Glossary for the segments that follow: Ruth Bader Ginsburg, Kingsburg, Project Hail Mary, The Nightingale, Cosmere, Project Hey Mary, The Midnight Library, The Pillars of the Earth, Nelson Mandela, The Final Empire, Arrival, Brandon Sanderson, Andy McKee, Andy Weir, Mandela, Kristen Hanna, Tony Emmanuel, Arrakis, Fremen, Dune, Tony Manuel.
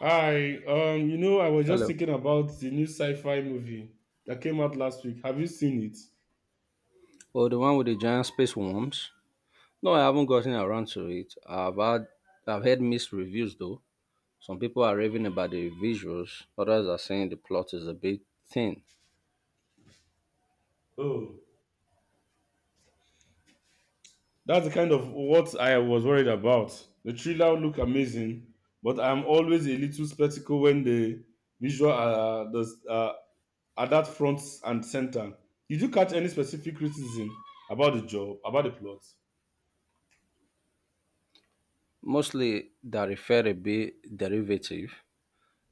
Hi, I was just Hello. thinking about the new sci-fi movie that came out last week. Have you seen it? Well, the one with the giant space worms. No, I haven't gotten around to it. I've heard mixed reviews though. Some people are raving about the visuals, others are saying the plot is a bit thin. Oh, That's the kind of what I was worried about. The trailer looked amazing, but I'm always a little skeptical when the visual are, are that front and center. Did you catch any specific criticism about the plot? Mostly that refer a bit derivative,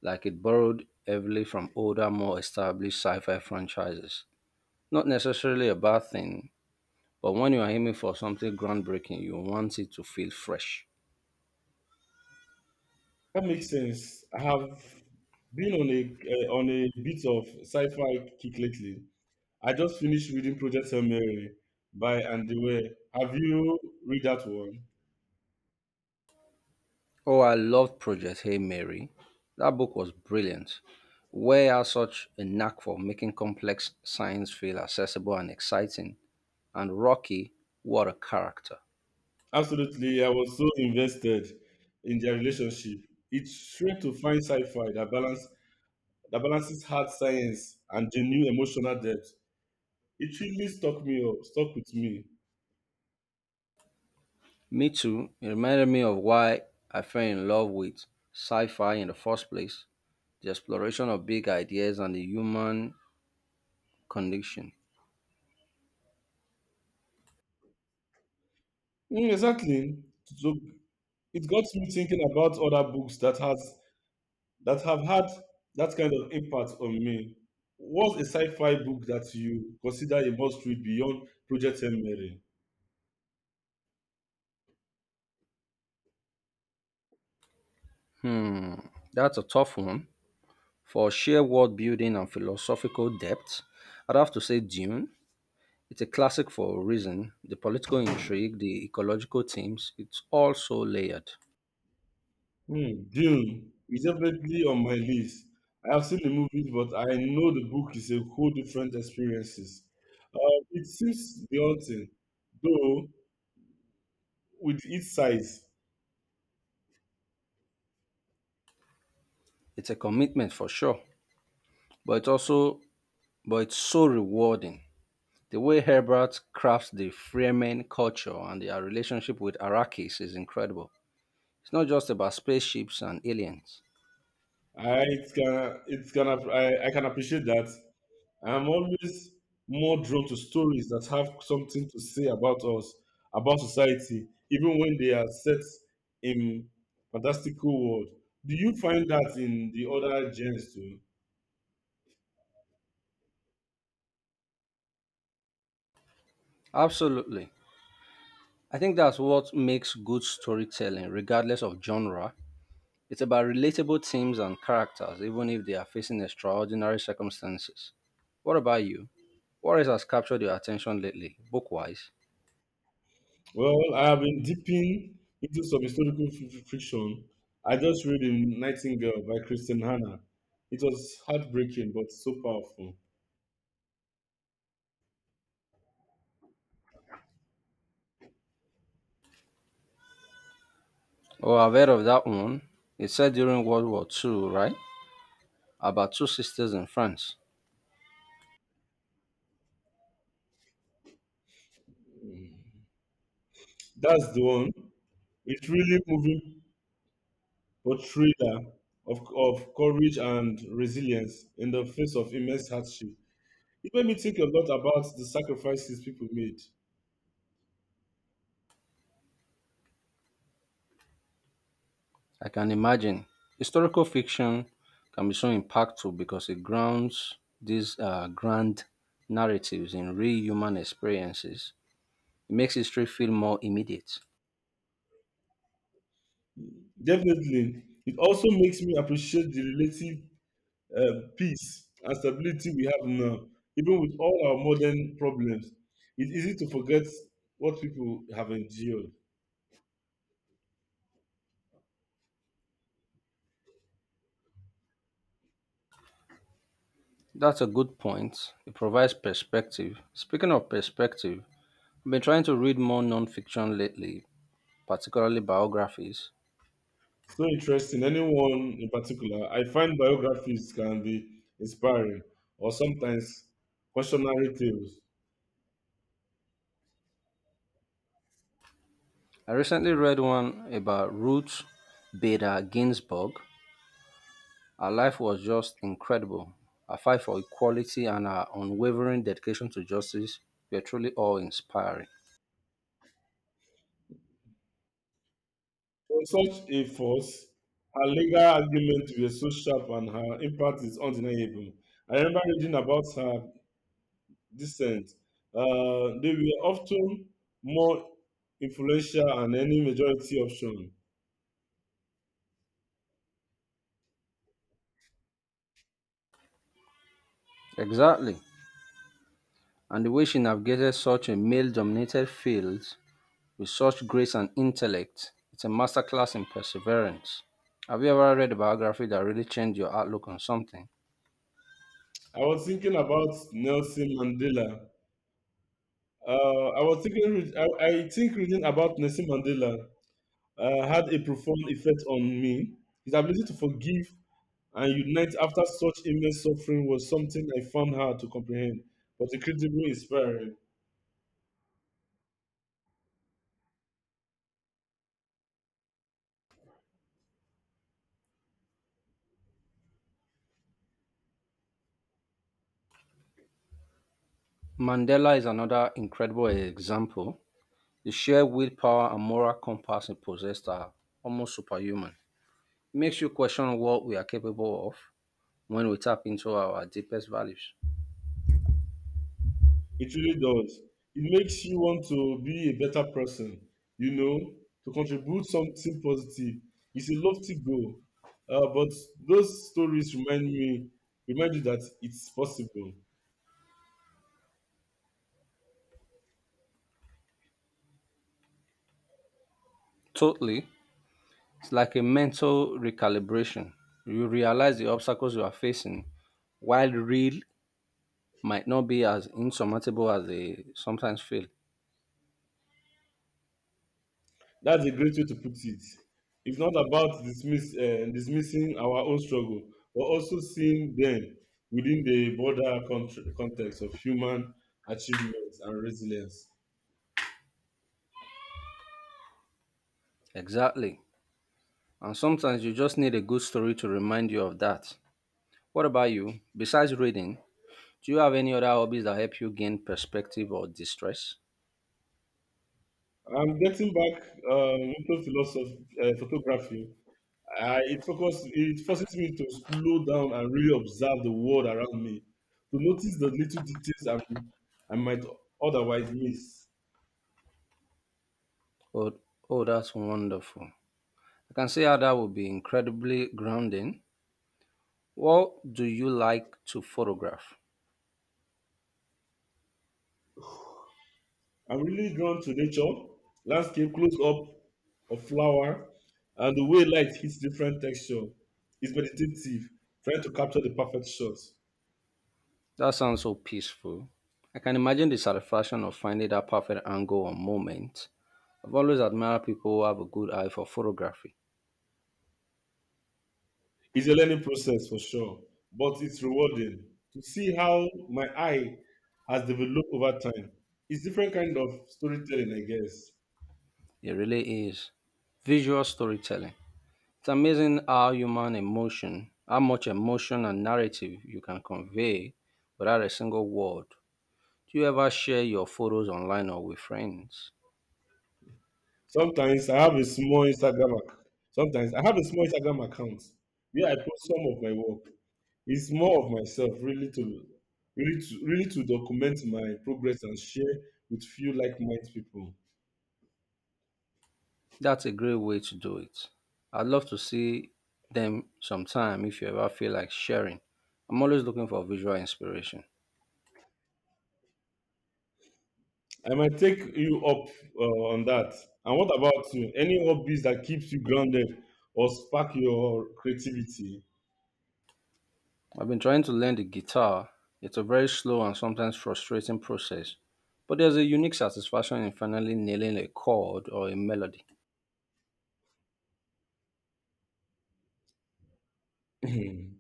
like it borrowed heavily from older, more established sci-fi franchises. Not necessarily a bad thing, but when you are aiming for something groundbreaking, you want it to feel fresh. That makes sense. I have been on a on a bit of sci-fi kick lately. I just finished reading Project Hail Mary by Andy Weir. Have you read that one? Oh, I loved Project Hey Mary. That book was brilliant. Where has such a knack for making complex science feel accessible and exciting? And Rocky, what a character. Absolutely. I was so invested in their relationship. It's rare to find sci-fi that balance that balances hard science and genuine emotional depth. It really stuck with me. Me too, it reminded me of why I fell in love with sci fi in the first place, the exploration of big ideas and the human condition. Mm, exactly. So it got me thinking about other books that have had that kind of impact on me. What's a sci-fi book that you consider a must-read beyond Project M. Mary? Hmm, that's a tough one. For sheer world building and philosophical depth, I'd have to say Dune. It's a classic for a reason. The political intrigue, the ecological themes, it's all so layered. Hmm, Dune is definitely on my list. I have seen the movies, but I know the book is a whole different experiences. Uh, it seems daunting, though with its size. It's a commitment for sure, but it's also but it's so rewarding. The way Herbert crafts the Fremen culture and their relationship with Arrakis is incredible. It's not just about spaceships and aliens. I it's gonna I can appreciate that. I'm always more drawn to stories that have something to say about us, about society, even when they are set in fantastical world. Do you find that in the other genres too? Absolutely. I think that's what makes good storytelling, regardless of genre. It's about relatable themes and characters, even if they are facing extraordinary circumstances. What about you? What race has captured your attention lately, book-wise? Well, I have been dipping into some historical fiction. I just read in Nightingale by Kristen Hanna. It was heartbreaking but so powerful. Oh, I've heard of that one. It's set during World War II, right? About two sisters in France. That's the one. It's really moving portrayal of courage and resilience in the face of immense hardship. It made me think a lot about the sacrifices people made. I can imagine. Historical fiction can be so impactful because it grounds these grand narratives in real human experiences. It makes history feel more immediate. Definitely, it also makes me appreciate the relative peace and stability we have now, even with all our modern problems. It's easy to forget what people have endured. That's a good point. It provides perspective. Speaking of perspective, I've been trying to read more non-fiction lately, particularly biographies. So interesting. Anyone in particular, I find biographies can be inspiring or sometimes cautionary tales. I recently read one about Ruth Bader Ginsburg. Her life was just incredible. Her fight for equality and her unwavering dedication to justice were truly awe inspiring. For such a force, her legal arguments were so sharp and her impact is undeniable. I remember reading about her dissent. They were often more influential than any majority option. Exactly. And the way she navigated such a male dominated field with such grace and intellect, it's a masterclass in perseverance. Have you ever read a biography that really changed your outlook on something? I was thinking about Nelson Mandela. I think reading about Nelson Mandela had a profound effect on me. His ability to forgive and unite after such immense suffering was something I found hard to comprehend, but incredibly inspiring. Mandela is another incredible example. The sheer willpower and moral compass he possessed are almost superhuman. It makes you question what we are capable of when we tap into our deepest values. It really does. It makes you want to be a better person, you know, to contribute something positive. It's a lofty goal, but those stories remind you that it's possible. Totally. It's like a mental recalibration. You realize the obstacles you are facing, while real, might not be as insurmountable as they sometimes feel. That's a great way to put it. It's not about dismissing our own struggle, but also seeing them within the broader context of human achievement and resilience. Exactly. And sometimes you just need a good story to remind you of that. What about you? Besides reading, do you have any other hobbies that help you gain perspective or distress? I'm getting back into photography. It forces me to slow down and really observe the world around me, to notice the little details I might otherwise miss. Oh, oh, that's wonderful. I can see how that would be incredibly grounding. What do you like to photograph? I'm really drawn to nature, landscape, close up of flower, and the way light hits different texture. It's meditative, trying to capture the perfect shot. That sounds so peaceful. I can imagine the satisfaction of finding that perfect angle or moment. I've always admired people who have a good eye for photography. It's a learning process for sure, but it's rewarding to see how my eye has developed over time. It's different kind of storytelling, I guess. It really is. Visual storytelling. It's amazing how much emotion and narrative you can convey without a single word. Do you ever share your photos online or with friends? Sometimes I have a small Instagram. Ac- Sometimes I have a small Instagram account where I post some of my work. It's more of myself really to document my progress and share with few like-minded people. That's a great way to do it. I'd love to see them sometime if you ever feel like sharing. I'm always looking for visual inspiration. I might take you up on that. And what about you, any hobbies that keeps you grounded or spark your creativity? I've been trying to learn the guitar. It's a very slow and sometimes frustrating process, but there's a unique satisfaction in finally nailing a chord or a melody. i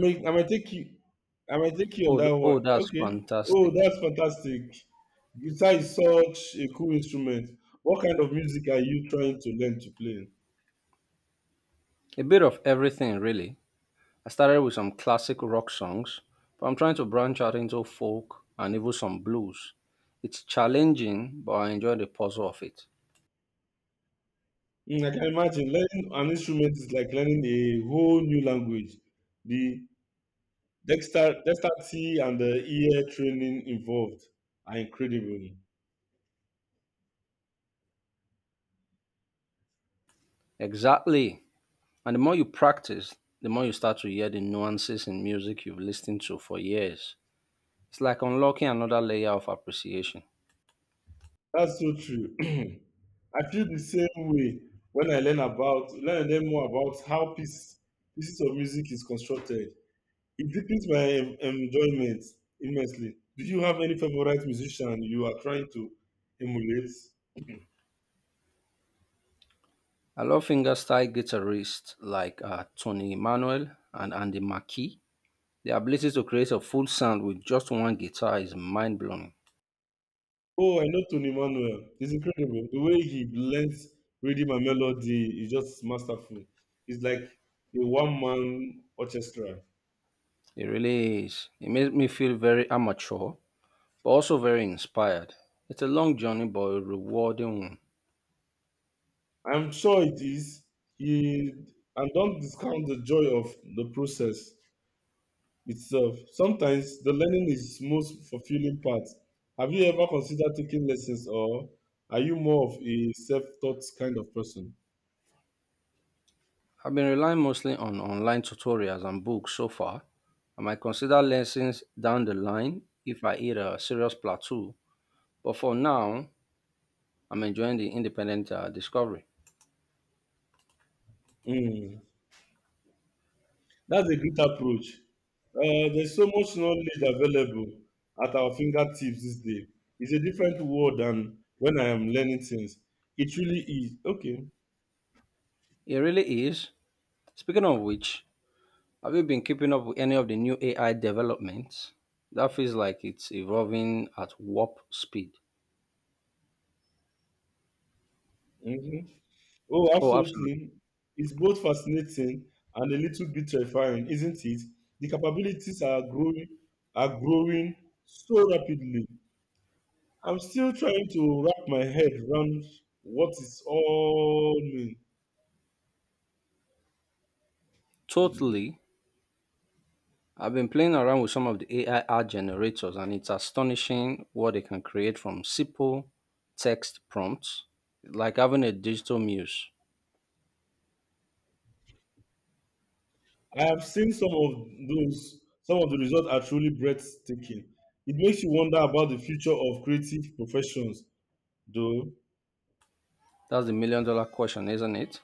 may i might take you I might take you on Oh, that one. oh, that's Okay. Oh, fantastic. that's fantastic. Guitar is such a cool instrument. What kind of music are you trying to learn to play? A bit of everything, really. I started with some classic rock songs, but I'm trying to branch out into folk and even some blues. It's challenging, but I enjoy the puzzle of it. Mm, I can imagine learning an instrument is like learning a whole new language. The dexterity and the ear training involved are incredible. Exactly. And the more you practice, the more you start to hear the nuances in music you've listened to for years. It's like unlocking another layer of appreciation. That's so true. I feel the same way when I learn and more about how pieces of music is constructed. It deepens my enjoyment immensely. Do you have any favorite musician you are trying to emulate? I love fingerstyle guitarists like Tony Emmanuel and Andy McKee. The ability to create a full sound with just one guitar is mind blowing. Oh, I know Tony Manuel. It's incredible. The way he blends rhythm and melody is just masterful. It's like a one-man orchestra. It really is. It makes me feel very amateur, but also very inspired. It's a long journey, but a rewarding one. I'm sure it is. He And don't discount the joy of the process itself. Sometimes the learning is most fulfilling part. Have you ever considered taking lessons, or are you more of a self-taught kind of person? I've been relying mostly on online tutorials and books so far. I might consider lessons down the line if I hit a serious plateau, but for now, I'm enjoying the independent discovery. Mm, that's a great approach. There's so much knowledge available at our fingertips this day. It's a different world than when I am learning things. It really is. Okay. It really is. Speaking of which, have you been keeping up with any of the new AI developments? That feels like it's evolving at warp speed. Mhm. Oh, Oh, absolutely. absolutely. It's both fascinating and a little bit terrifying, isn't it? The capabilities are growing so rapidly. I'm still trying to wrap my head around what it's all mean. Totally. I've been playing around with some of the AI art generators, and it's astonishing what they can create from simple text prompts, like having a digital muse. I have seen some of those. Some of the results are truly breathtaking. It makes you wonder about the future of creative professions, though. That's the million dollar question, isn't it?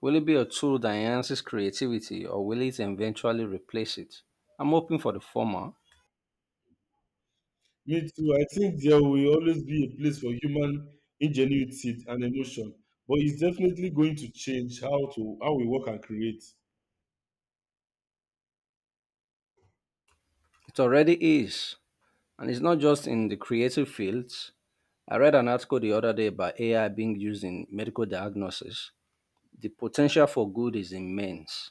Will it be a tool that enhances creativity, or will it eventually replace it? I'm hoping for the former. Me too. I think there will always be a place for human ingenuity and emotion, but it's definitely going to change how we work and create. It already is, and it's not just in the creative fields. I read an article the other day about AI being used in medical diagnosis. The potential for good is immense.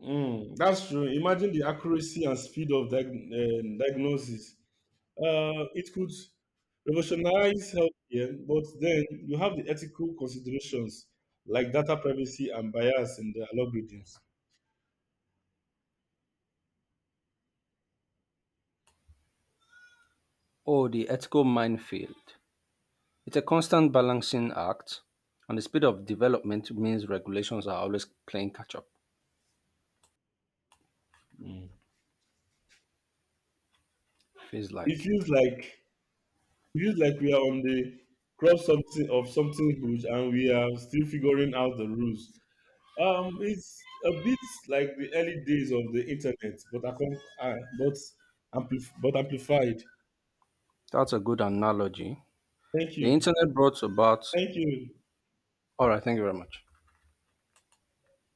Mm, that's true. Imagine the accuracy and speed of diagnosis. It could revolutionize healthcare, but then you have the ethical considerations like data privacy and bias in the algorithms. Oh, the ethical minefield. It's a constant balancing act, and the speed of development means regulations are always playing catch up, Mm. feels It like. feels like it feels like we are on the cross something of something huge, and we are still figuring out the rules. It's a bit like the early days of the internet, but amplified. That's a good analogy. Thank The you. internet brought about. Thank you. All right, thank you very much.